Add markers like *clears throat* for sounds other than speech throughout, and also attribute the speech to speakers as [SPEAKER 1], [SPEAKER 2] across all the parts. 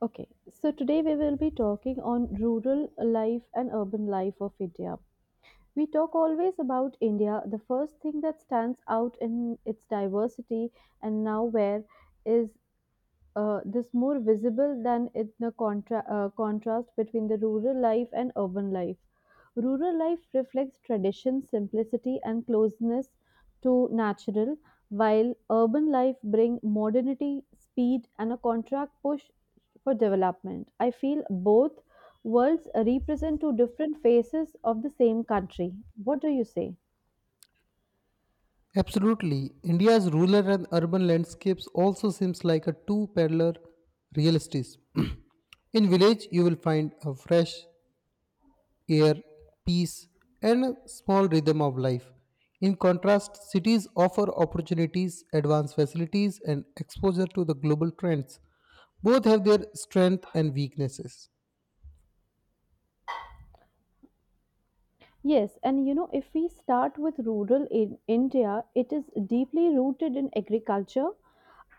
[SPEAKER 1] Okay, so today we will be talking on rural life and urban life of India. We talk always about India. The first thing that stands out in its diversity and now where is this more visible than in the contrast between the rural life and urban life. Rural life reflects tradition, simplicity, and closeness to natural, while urban life bring modernity, speed, and a contract push for development. I feel both worlds represent two different faces of the same country. What do you say?
[SPEAKER 2] Absolutely. India's rural and urban landscapes also seems like a two parallel realities. *clears throat* In village you will find a fresh air, peace and a small rhythm of life. In contrast, cities offer opportunities, advanced facilities and exposure to the global trends. Both have their strengths and weaknesses.
[SPEAKER 1] Yes, and you know, if we start with rural in India, it is deeply rooted in agriculture,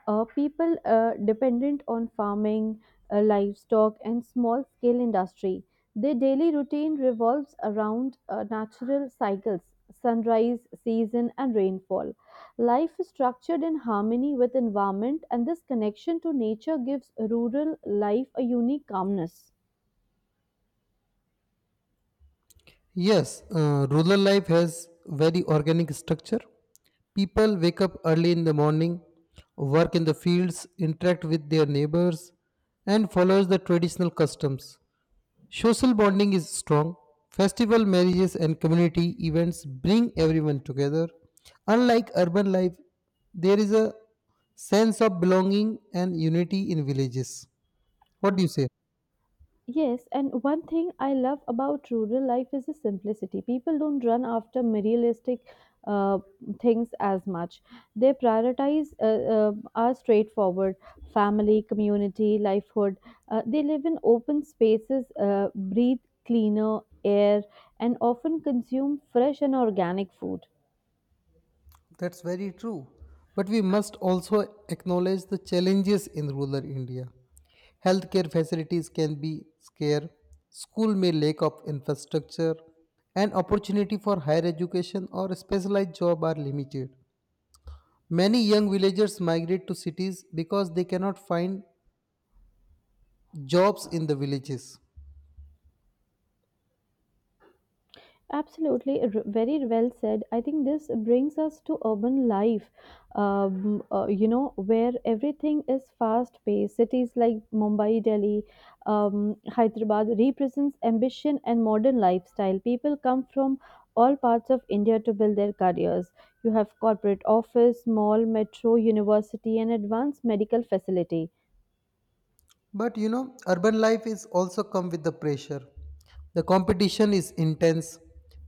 [SPEAKER 1] people dependent on farming, livestock, and small scale industry. Their daily routine revolves around natural cycles, sunrise, season, and rainfall. Life is structured in harmony with environment, and this connection to nature gives rural life a unique calmness.
[SPEAKER 2] Yes, rural life has very organic structure. People wake up early in the morning, work in the fields, interact with their neighbors, and follows the traditional customs. Social bonding is strong. Festival marriages and community events bring everyone together. Unlike urban life, there is a sense of belonging and unity in villages. What do you say?
[SPEAKER 1] Yes, and one thing I love about rural life is the simplicity. People don't run after materialistic uh, things as much. They prioritize are straightforward family, community, livelihood. They live in open spaces, breathe cleaner air, and often consume fresh and organic food.
[SPEAKER 2] That's very true. But we must also acknowledge the challenges in rural India. Healthcare facilities can be scarce, school may lack of infrastructure, and opportunity for higher education or specialized job are limited. Many young villagers migrate to cities because they cannot find jobs in the villages.
[SPEAKER 1] Absolutely, very well said. I think this brings us to urban life, you know, where everything is fast paced. Cities like Mumbai, Delhi, Hyderabad represents ambition and modern lifestyle. People come from all parts of India to build their careers. You have corporate office, mall, metro, university, and advanced medical facility.
[SPEAKER 2] But you know, urban life is also come with the pressure. The competition is intense,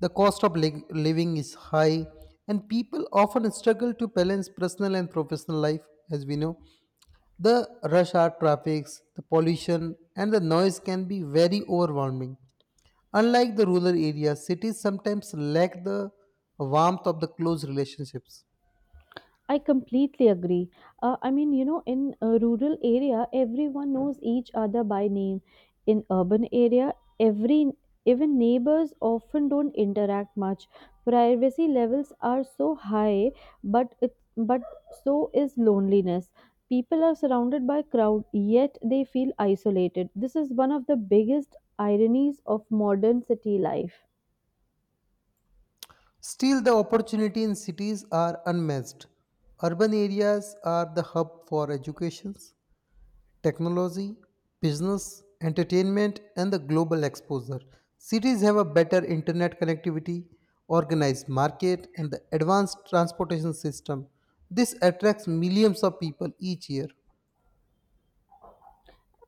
[SPEAKER 2] the cost of living is high, and people often struggle to balance personal and professional life. As we know, the rush hour traffics, the pollution, and the noise can be very overwhelming. Unlike the rural areas, cities sometimes lack the warmth of the close relationships.
[SPEAKER 1] I completely agree. I mean, you know, in a rural area, everyone knows each other by name. In urban area, every even neighbors often don't interact much. Privacy levels are so high, but so is loneliness. People are surrounded by crowd, yet they feel isolated. This is one of the biggest ironies of modern city life.
[SPEAKER 2] Still, the opportunity in cities are unmatched. Urban areas are the hub for education, technology, business, entertainment, and the global exposure. Cities have a better internet connectivity, organized market, and the advanced transportation system. This attracts millions of people each year.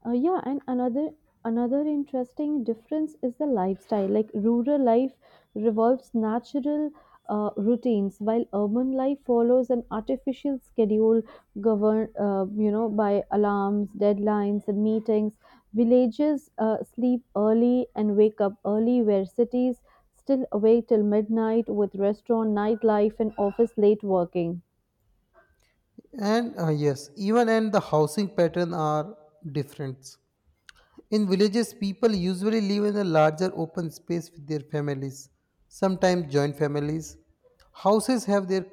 [SPEAKER 1] Yeah, and another interesting difference is the lifestyle. Like rural life revolves natural routines, while urban life follows an artificial schedule governed, you know, by alarms, deadlines, and meetings. Villages sleep early and wake up early, where cities still awake till midnight with restaurant, nightlife, and office late working.
[SPEAKER 2] And yes, even and the housing pattern are different. In villages, people usually live in a larger open space with their families, sometimes joint families. Houses have their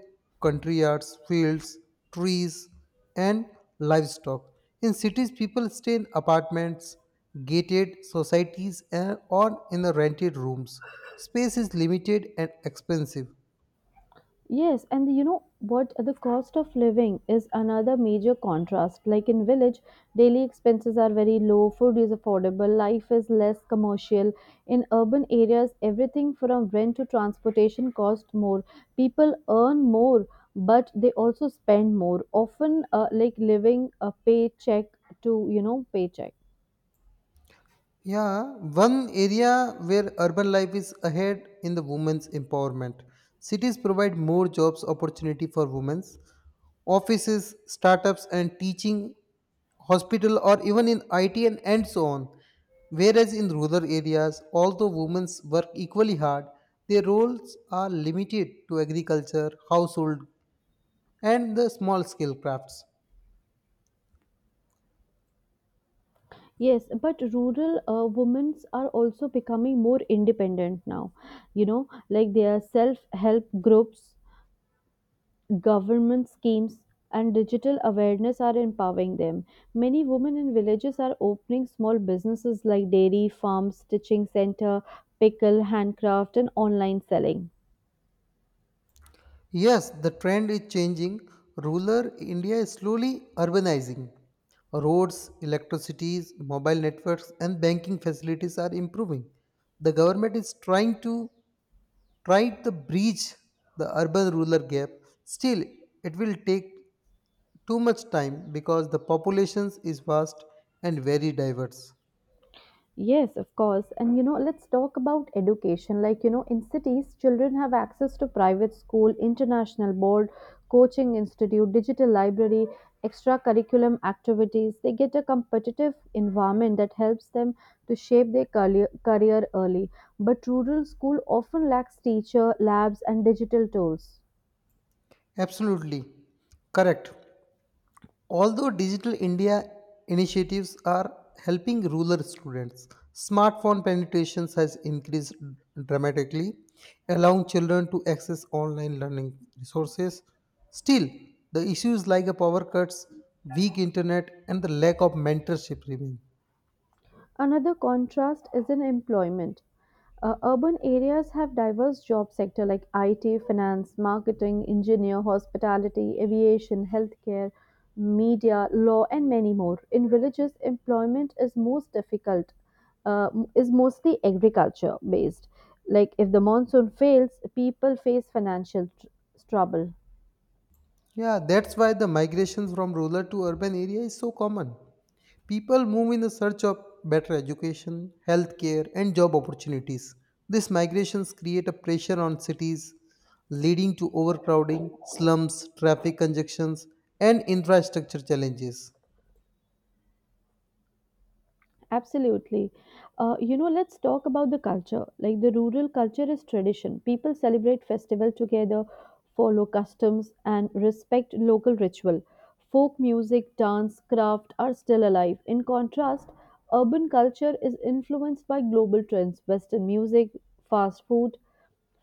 [SPEAKER 2] country yards, fields, trees, and livestock. In cities, people stay in apartments, gated societies, and- or in the rented rooms. Space is limited and expensive.
[SPEAKER 1] Yes, and you know what? The cost of living is another major contrast. Like in village, daily expenses are very low, food is affordable, life is less commercial. In urban areas, everything from rent to transportation cost more. People earn more, but they also spend more. Often, like living a paycheck to paycheck.
[SPEAKER 2] Yeah, one area where urban life is ahead in the women's empowerment. Cities provide more jobs opportunity for women. Offices, startups and teaching, hospital or even in IT and so on. Whereas in rural areas, although women work equally hard, their roles are limited to agriculture, household and the small scale crafts.
[SPEAKER 1] Yes, but rural women are also becoming more independent now. You know, like there are self help groups, government schemes and digital awareness are empowering them. Many women in villages are opening small businesses like dairy, farms, stitching center, pickle, handcraft, and online selling.
[SPEAKER 2] Yes, the trend is changing. Rural India is slowly urbanizing. Roads, electricity, mobile networks, and banking facilities are improving. The government is try to bridge the urban-rural gap. Still, it will take too much time because the population is vast and very diverse.
[SPEAKER 1] Yes, of course. And you know, let's talk about education. Like, you know, in cities, children have access to private school, international board, coaching institute, digital library, extra curriculum activities. They get a competitive environment that helps them to shape their career early. But rural school often lacks teacher, labs, and digital tools.
[SPEAKER 2] Absolutely correct. Although Digital India initiatives are helping rural students, smartphone penetrations has increased dramatically, allowing children to access online learning resources. Still, the issues like the power cuts, weak internet, and the lack of mentorship remain.
[SPEAKER 1] Another contrast is in employment. Urban areas have diverse job sector like IT, finance, marketing, engineer, hospitality, aviation, healthcare, media, law, and many more. In villages, employment is most difficult, uh, is mostly agriculture based. Like if the monsoon fails, people face financial trouble.
[SPEAKER 2] Yeah, that's why the migration from rural to urban area is so common. People move in the search of better education, healthcare, and job opportunities. These migrations create a pressure on cities, leading to overcrowding, slums, traffic congestions, and infrastructure challenges.
[SPEAKER 1] Absolutely. You know, let's talk about the culture. Like the rural culture is tradition. People celebrate festival together, follow customs, and respect local ritual. Folk music, dance, craft are still alive. In contrast, urban culture is influenced by global trends, Western music, fast food,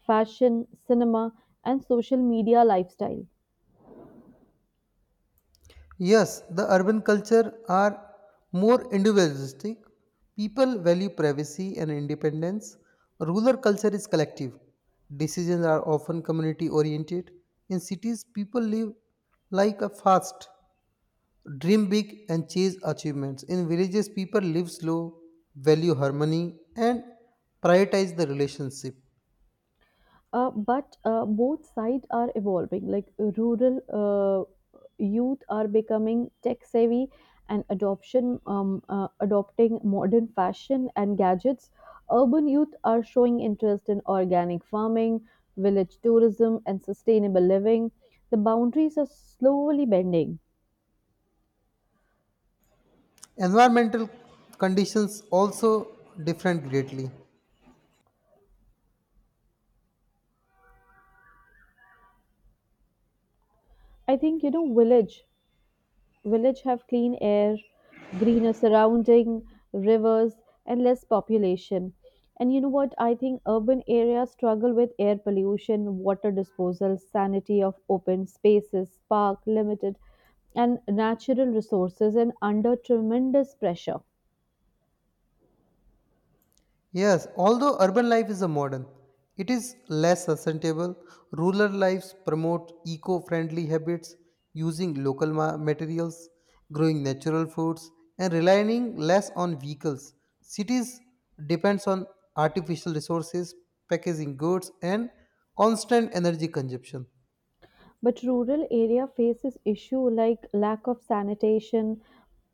[SPEAKER 1] fashion, cinema, and social media lifestyle.
[SPEAKER 2] Yes, the urban culture are more individualistic. People value privacy and independence. Rural culture is collective. Decisions are often community oriented. In cities, people live like a fast, dream big and chase achievements. In villages, people live slow, value harmony, and prioritize the relationship.
[SPEAKER 1] But both sides are evolving. Like rural youth are becoming tech savvy and adoption adopting modern fashion and gadgets. Urban youth are showing interest in organic farming, village tourism, and sustainable living. The boundaries are slowly bending.
[SPEAKER 2] Environmental conditions also differ greatly.
[SPEAKER 1] I think you know, village have clean air, greener surrounding, rivers, and less population. And you know what? I think urban areas struggle with air pollution, water disposal, sanity of open spaces, park limited, and natural resources, and under tremendous pressure.
[SPEAKER 2] Yes, although urban life is a modern, it is less sustainable. Rural lives promote eco friendly habits using local materials, growing natural foods, and relying less on vehicles. Cities depends on artificial resources, packaging goods, and constant energy consumption.
[SPEAKER 1] But rural area faces issue like lack of sanitation,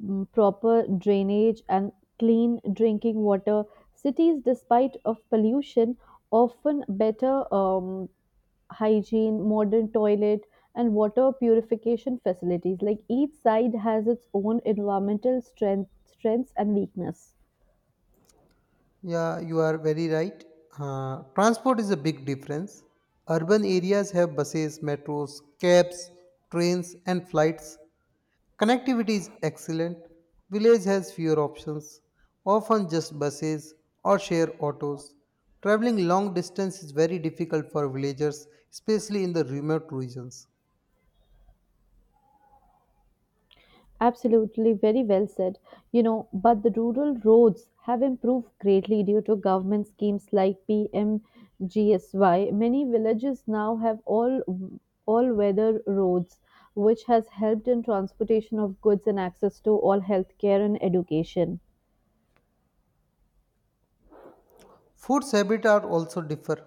[SPEAKER 1] proper drainage and clean drinking water. Cities, despite of pollution, often better hygiene, modern toilet, and water purification facilities. Like each side has its own environmental strengths and weakness.
[SPEAKER 2] Yeah, you are very right. Transport is a big difference. Urban areas have buses, metros, cabs, trains, and flights. Connectivity is excellent. Village has fewer options, often just buses or share autos. Traveling long distance is very difficult for villagers, especially in the remote regions.
[SPEAKER 1] Absolutely, very well said. You know, but the rural roads have improved greatly due to government schemes like PMGSY. Many villages now have all weather roads, which has helped in transportation of goods and access to all healthcare and education.
[SPEAKER 2] Food habits are also differ.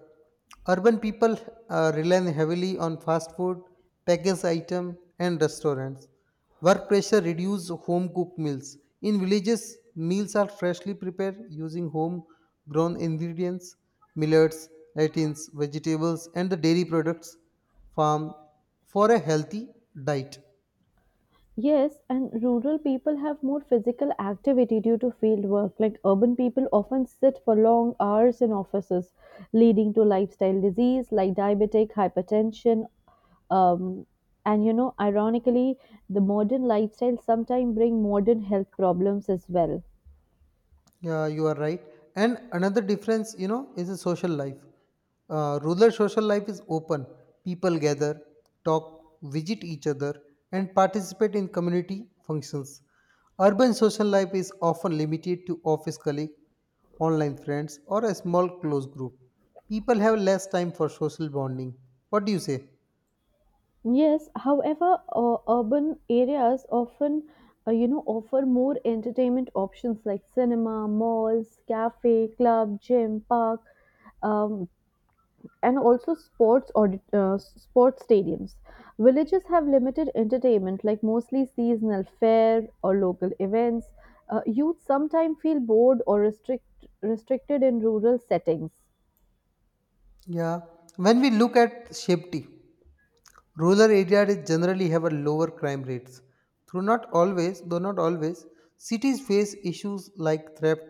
[SPEAKER 2] Urban people rely heavily on fast food, packaged item, and restaurants. Work pressure reduces home cooked meals. In villages, meals are freshly prepared using home grown ingredients, millets, lentils, vegetables, and the dairy products farm for a healthy diet.
[SPEAKER 1] Yes, and rural people have more physical activity due to field work. Like urban people often sit for long hours in offices, leading to lifestyle disease like diabetic, hypertension, um, and you know, ironically, the modern lifestyle sometimes bring modern health problems as well.
[SPEAKER 2] Yeah, you are right. And another difference, you know, is the social life. Rural social life is open. People gather, talk, visit each other, and participate in community functions. Urban social life is often limited to office colleagues, online friends, or a small close group. People have less time for social bonding. What do you say?
[SPEAKER 1] Yes, however, urban areas often, you know, offer more entertainment options like cinema, malls, cafe, club, gym, park. Um, and also sports stadiums. Villages have limited entertainment, like mostly seasonal fair or local events. Youth sometimes feel bored or restricted in rural settings.
[SPEAKER 2] Yeah. When we look at safety, rural areas generally have a lower crime rates. Through not always, though not always, cities face issues like theft,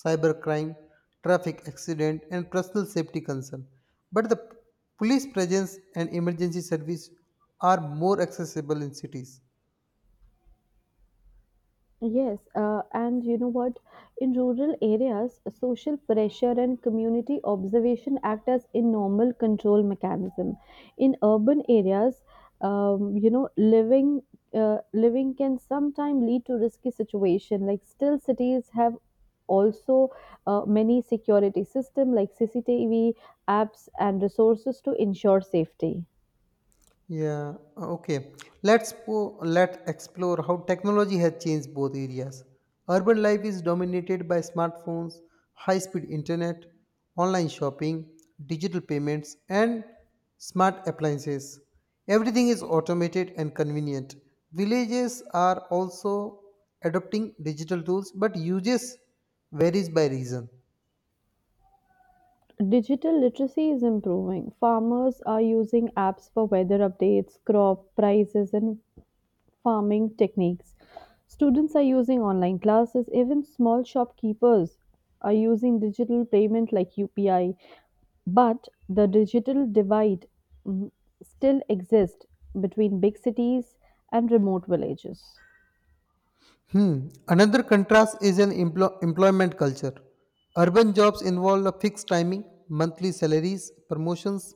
[SPEAKER 2] cybercrime, traffic accident, and personal safety concern. But the police presence and emergency service are more accessible in cities.
[SPEAKER 1] Yes, and you know what? In rural areas, social pressure and community observation act as a normal control mechanism. In urban areas, you know, living can sometimes lead to risky situation. Like still, cities have also many security system like CCTV apps and resources to ensure safety.
[SPEAKER 2] Yeah, okay. Let explore how technology has changed both areas. Urban life is dominated by smartphones, high-speed internet, online shopping, digital payments, and smart appliances. Everything is automated and convenient. Villages are also adopting digital tools, but uses varies by region.
[SPEAKER 1] Digital literacy is improving. Farmers are using apps for weather updates, crop prices, and farming techniques. Students are using online classes. Even small shopkeepers are using digital payment like UPI. But the digital divide, mm, still exists between big cities and remote villages.
[SPEAKER 2] Hmm. Another contrast is in employment culture. Urban jobs involve a fixed timing, monthly salaries, promotions,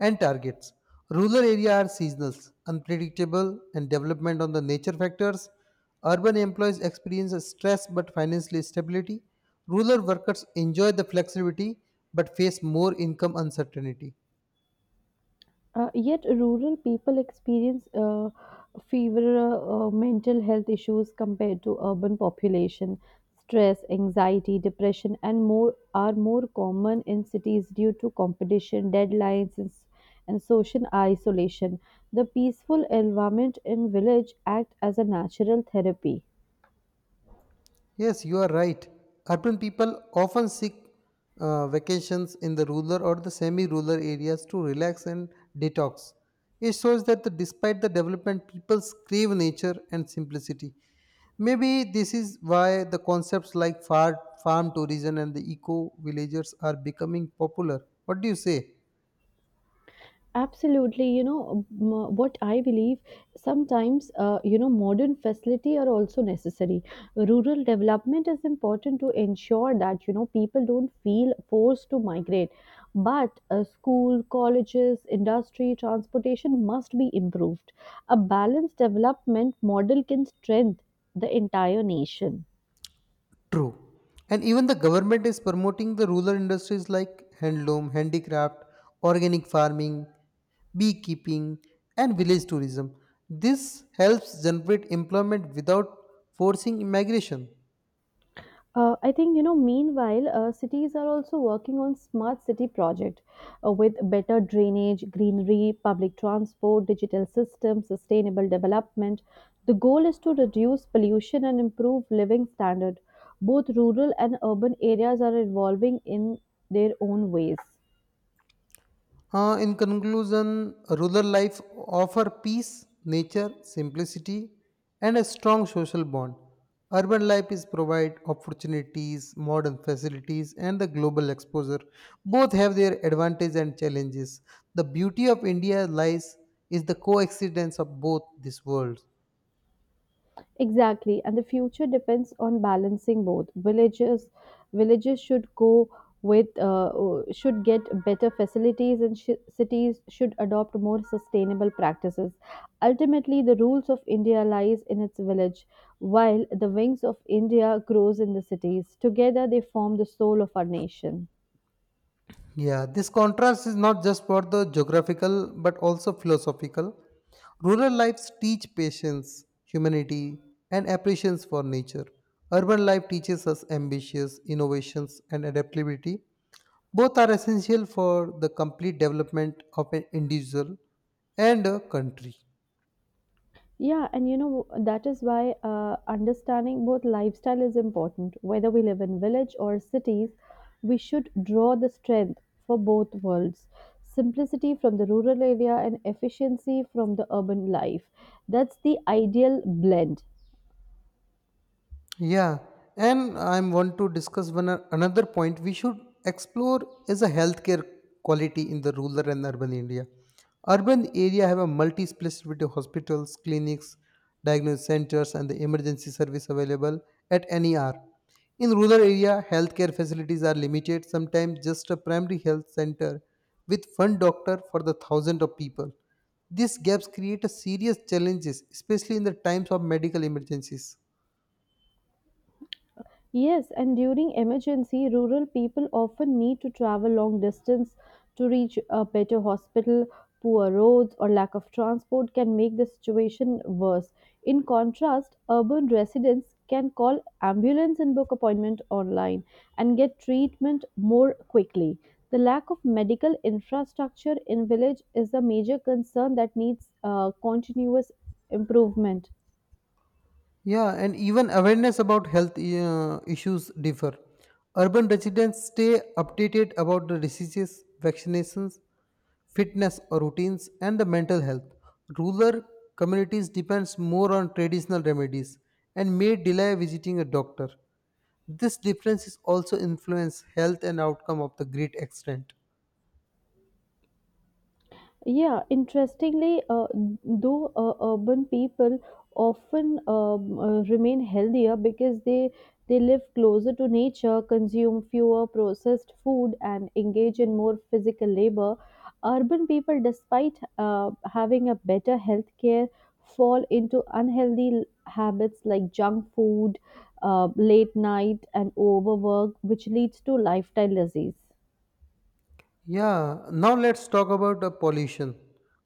[SPEAKER 2] and targets. Rural areas are seasonal, unpredictable, and development on the nature factors. Urban employees experience stress but financial stability. Rural workers enjoy the flexibility but face more income uncertainty.
[SPEAKER 1] Yet, rural people experience fever mental health issues compared to urban population. Stress, anxiety, depression, and more are more common in cities due to competition, deadlines, and social isolation. The peaceful environment in village act as a natural therapy.
[SPEAKER 2] Yes, you are right. Urban people often seek vacations in the rural or the semi rural areas to relax and detox. It shows that the, despite the development, people crave nature and simplicity. Maybe this is why the concepts like farm tourism and the eco villagers are becoming popular. What do you say?
[SPEAKER 1] Absolutely, you know what I believe. Sometimes, you know, modern facility are also necessary. Rural development is important to ensure that you know people don't feel forced to migrate. But school, colleges, industry, transportation must be improved. A balanced development model can strengthen the entire nation.
[SPEAKER 2] True. And even the government is promoting the rural industries like handloom, handicraft, organic farming, beekeeping, and village tourism. This helps generate employment without forcing immigration.
[SPEAKER 1] I think you know, meanwhile, cities are also working on smart city project with better drainage, greenery, public transport, digital systems, sustainable development. The goal is to reduce pollution and improve living standard. Both rural and urban areas are evolving in their own ways.
[SPEAKER 2] In conclusion, rural life offer peace, nature, simplicity, and a strong social bond. Urban life is provide opportunities, modern facilities, and the global exposure. Both have their advantages and challenges. The beauty of India lies is the coexistence of both these worlds.
[SPEAKER 1] Exactly, and the future depends on balancing both. Villages should go with should get better facilities, and cities should adopt more sustainable practices. Ultimately, the rules of India lies in its village, while the wings of India grows in the cities. Together, they form the soul of our nation.
[SPEAKER 2] Yeah, this contrast is not just for the geographical but also philosophical. Rural lives teach patience, humanity, and appreciation for nature. Urban life teaches us ambitions, innovations, and adaptability. Both are essential for the complete development of an individual and a country.
[SPEAKER 1] Yeah, and you know, that is why understanding both lifestyle is important. Whether we live in village or cities, we should draw the strength for both worlds. Simplicity from the rural area and efficiency from the urban life. That's the ideal blend.
[SPEAKER 2] Yeah, and I want to discuss one another point we should explore is a healthcare quality in the rural and urban India. Urban area have a multi-specialty hospitals, clinics, diagnosis centers, and the emergency service available at any hour. In rural area, healthcare facilities are limited. Sometimes just a primary health center with one doctor for the thousand of people. These gaps create a serious challenges, especially in the times of medical emergencies.
[SPEAKER 1] Yes, and during emergency, rural people often need to travel long distance to reach a better hospital. Poor roads or lack of transport can make the situation worse. In contrast, urban residents can call ambulance and book appointment online and get treatment more quickly. The lack of medical infrastructure in village is a major concern that needs continuous improvement.
[SPEAKER 2] Yeah, and even awareness about health issues differ. Urban residents stay updated about the diseases, vaccinations, fitness routines, and the mental health. Rural communities depends more on traditional remedies and may delay visiting a doctor. This difference is also influence health and outcome of the great extent.
[SPEAKER 1] Yeah, interestingly, though urban people often remain healthier because they live closer to nature, consume fewer processed food, and engage in more physical labor. Urban people, despite having a better health care, fall into unhealthy habits like junk food, late night, and overwork, which leads to lifestyle disease.
[SPEAKER 2] Yeah, now let's talk about the pollution.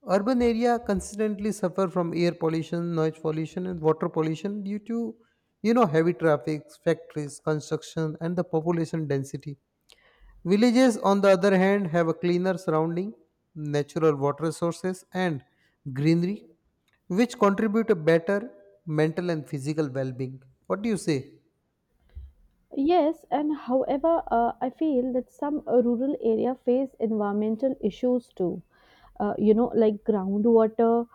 [SPEAKER 2] Urban area consistently suffer from air pollution, noise pollution, and water pollution due to you know heavy traffic, factories, construction, and the population density. Villages, on the other hand, have a cleaner surrounding, natural water sources, and greenery, which contribute a better mental and physical well-being. What do you say?
[SPEAKER 1] Yes, and however, I feel that some rural area face environmental issues too. You know, like groundwater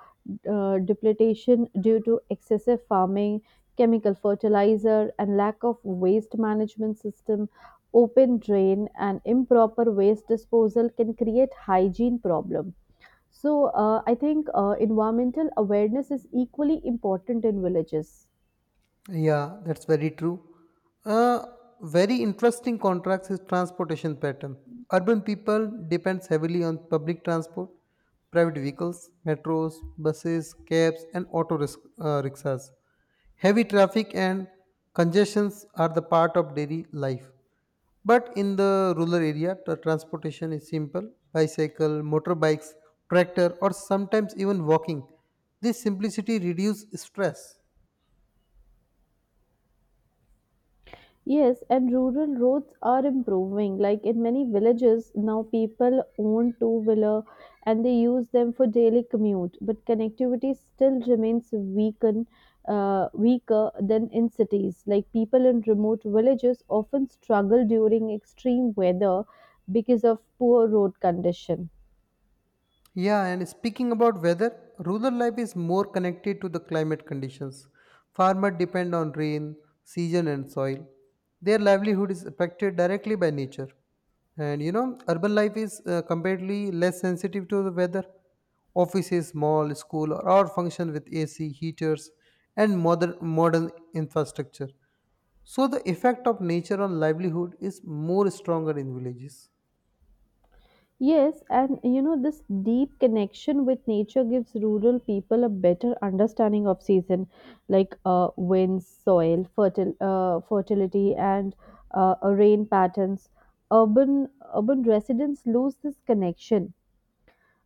[SPEAKER 1] depletion due to excessive farming, chemical fertilizer, and lack of waste management system, open drain, and improper waste disposal can create hygiene problem. So, I think environmental awareness is equally important in villages.
[SPEAKER 2] Yeah, that's very true. A very interesting contrast is transportation pattern. Urban people depends heavily on public transport, private vehicles, metros, buses, cabs, and rickshaws. Heavy traffic and congestions are the part of daily life. But in the rural area, the transportation is simple bicycle, motorbikes, tractor, or sometimes even walking. This simplicity reduces stress.
[SPEAKER 1] Yes, and rural roads are improving. Like in many villages, now people own two wheeler and they use them for daily commute. But connectivity still remains weaker than in cities. Like people in remote villages often struggle during extreme weather because of poor road condition.
[SPEAKER 2] Yeah, and speaking about weather, rural life is more connected to the climate conditions. Farmers depend on rain, season, and soil. Their livelihood is affected directly by nature. And you know, urban life is comparatively less sensitive to the weather. Offices, mall, school, or all function with AC, heaters, and modern infrastructure. So the effect of nature on livelihood is more stronger in villages.
[SPEAKER 1] Yes, and you know, this deep connection with nature gives rural people a better understanding of season, like winds, soil, fertility, and rain patterns. Urban Urban residents lose this connection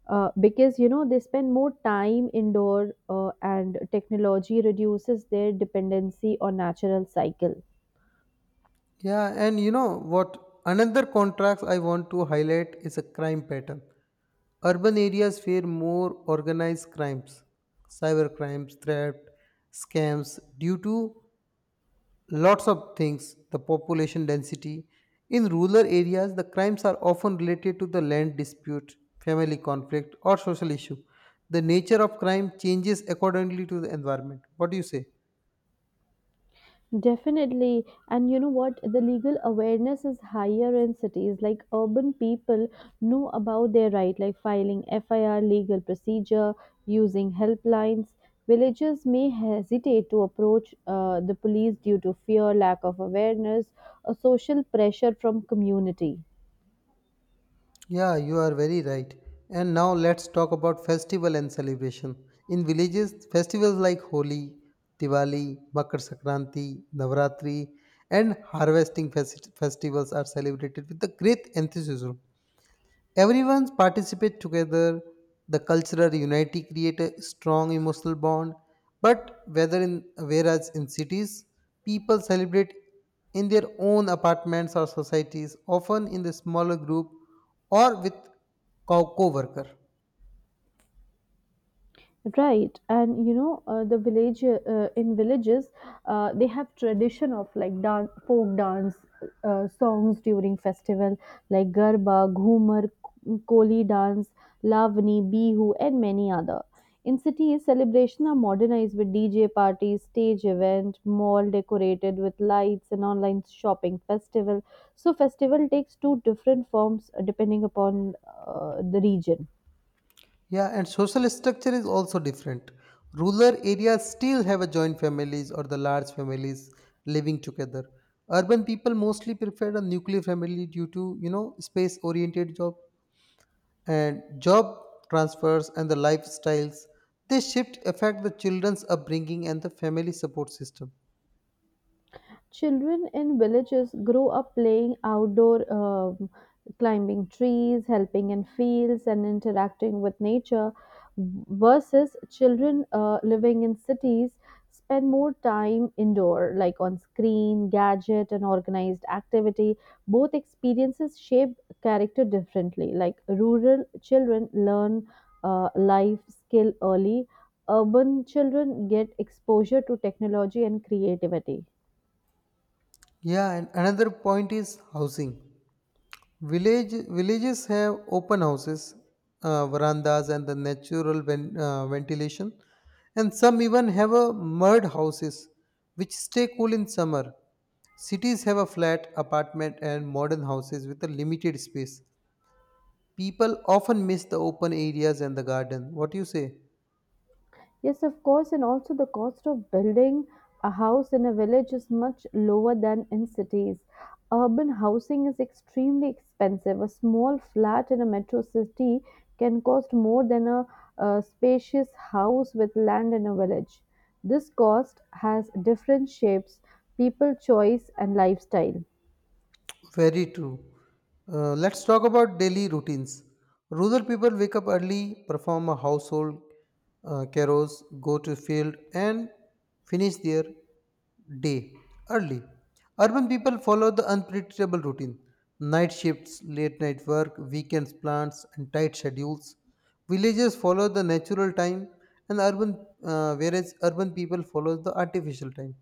[SPEAKER 1] because you know they spend more time indoor, and technology reduces their dependency on natural cycle.
[SPEAKER 2] Yeah, and you know what? Another contrast I want to highlight is a crime pattern. Urban areas fear more organized crimes, cyber crimes, theft, scams, due to lots of things, the population density. In rural areas, the crimes are often related to the land dispute, family conflict, or social issue. The nature of crime changes accordingly to the environment. What do you say?
[SPEAKER 1] Definitely. And you know what? The legal awareness is higher in cities. Like urban people know about their right, like filing FIR, legal procedure, using helplines. Villagers may hesitate to approach the police due to fear, lack of awareness, or social pressure from community.
[SPEAKER 2] Yeah, you are very right. And now let's talk about festival and celebration. In villages, festivals like Holi, Diwali, Makar Sankranti, Navratri, and harvesting festivals are celebrated with the great enthusiasm. Everyone participate together. The cultural unity create a strong emotional bond. But whether in whereas in cities, people celebrate in their own apartments or societies, often in the smaller group or with co-worker.
[SPEAKER 1] Right, and you know the village in villages, they have tradition of like dance, folk dance songs during festival like garba, ghumar, koli dance, lavani, bihu, and many other. In cities, celebration are modernized with DJ parties, stage event, mall decorated with lights, and online shopping festival. So festival takes two different forms depending upon the region.
[SPEAKER 2] Yeah, and social structure is also different. Rural areas still have a joint families or the large families living together. Urban people mostly prefer a nuclear family due to you know space oriented job and job transfers and the lifestyles they shift affect the children's upbringing and the family support system.
[SPEAKER 1] Children in villages grow up playing outdoor, climbing trees, helping in fields, and interacting with nature, versus children living in cities spend more time indoor, like on screen, gadget, and organized activity. Both experiences shape character differently. Like rural children learn life skill early, urban children get exposure to technology and creativity.
[SPEAKER 2] Yeah, and another point is housing. Villages have open houses, verandas and the natural ventilation, and some even have a mud houses which stay cool in summer. Cities have a flat apartment and modern houses with a limited space. People often miss the open areas and the garden. What do you say?
[SPEAKER 1] Yes, of course, and also the cost of building a house in a village is much lower than in cities. Urban housing is extremely expensive. A small flat in a metro city can cost more than a spacious house with land in a village. This cost has different shapes, people choice, and lifestyle.
[SPEAKER 2] Very true. Let's talk about daily routines. Rural people wake up early, perform a household carols, go to field, and finish their day early. Urban people follow the unpredictable routine: night shifts, late night work, weekends plans, and tight schedules. Villagers follow the natural time, and urban whereas urban people follow the artificial time.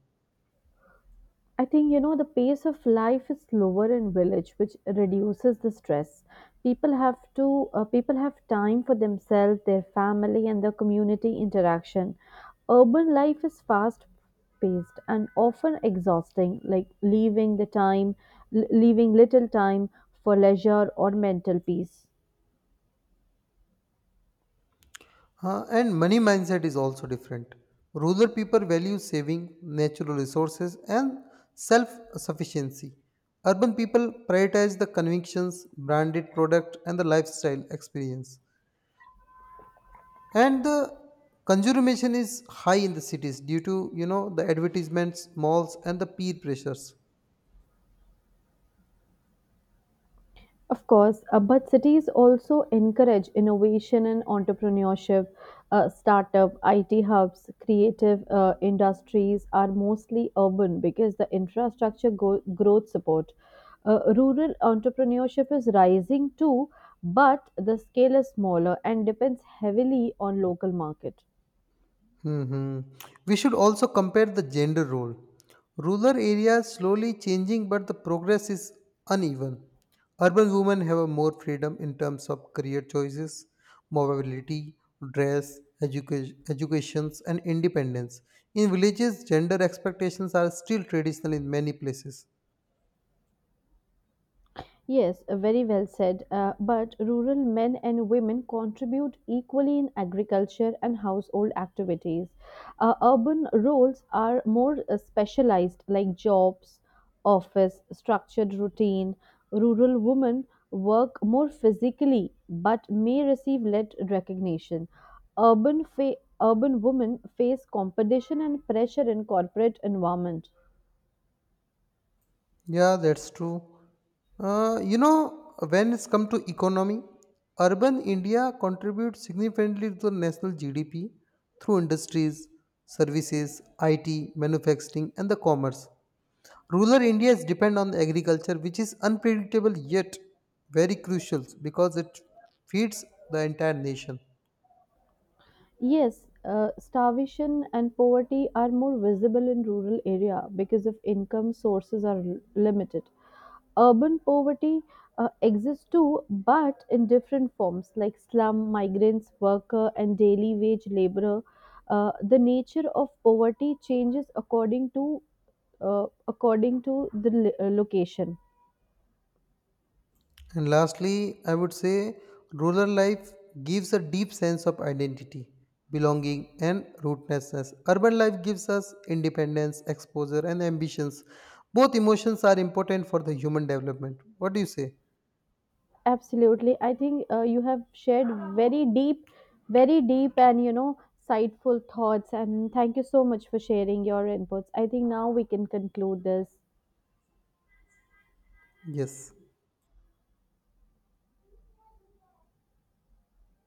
[SPEAKER 1] I think you know the pace of life is slower in village, which reduces the stress. People have time for themselves, their family, and their community interaction. Urban life is fast paced and often exhausting, like leaving little time for leisure or mental peace.
[SPEAKER 2] And money mindset is also different. Rural people value saving, natural resources, and self sufficiency. Urban people prioritize the convictions, branded product, and the lifestyle experience. And the consumerism is high in the cities due to you know the advertisements, malls, and the peer pressures.
[SPEAKER 1] Of course, but cities also encourage innovation and entrepreneurship. Startup, IT hubs, creative industries are mostly urban because the infrastructure growth support. Rural entrepreneurship is rising too, but the scale is smaller and depends heavily on local market.
[SPEAKER 2] Hmm. We should also compare the gender role. Rural areas slowly changing, but the progress is uneven. Urban women have a more freedom in terms of career choices, mobility, dress, education, educations, and independence. In villages, gender expectations are still traditional in many places.
[SPEAKER 1] Yes, very well said. But rural men and women contribute equally in agriculture and household activities. Urban roles are more specialized, like jobs, office, structured routine. Rural women work more physically but may receive less recognition. Urban women face competition and pressure in corporate environment.
[SPEAKER 2] Yeah, that's true. You know, when it's come to economy, urban India contributes significantly to the national GDP through industries, services, IT, manufacturing, and the commerce. Rural India's depend on agriculture, which is unpredictable yet very crucial because it feeds the entire nation.
[SPEAKER 1] Yes, starvation and poverty are more visible in rural area because of income sources are limited. Urban poverty exists too, but in different forms like slum, migrants, worker, and daily wage laborer. The nature of poverty changes according to according to the location.
[SPEAKER 2] And lastly, I would say rural life gives a deep sense of identity, belonging, and rootlessness. Urban life gives us independence, exposure, and ambitions. Both emotions are important for the human development. What do you say?
[SPEAKER 1] Absolutely. I think you have shared very deep, very deep and, you know, insightful thoughts. And thank you so much for sharing your inputs. I think now we can conclude this.
[SPEAKER 2] Yes.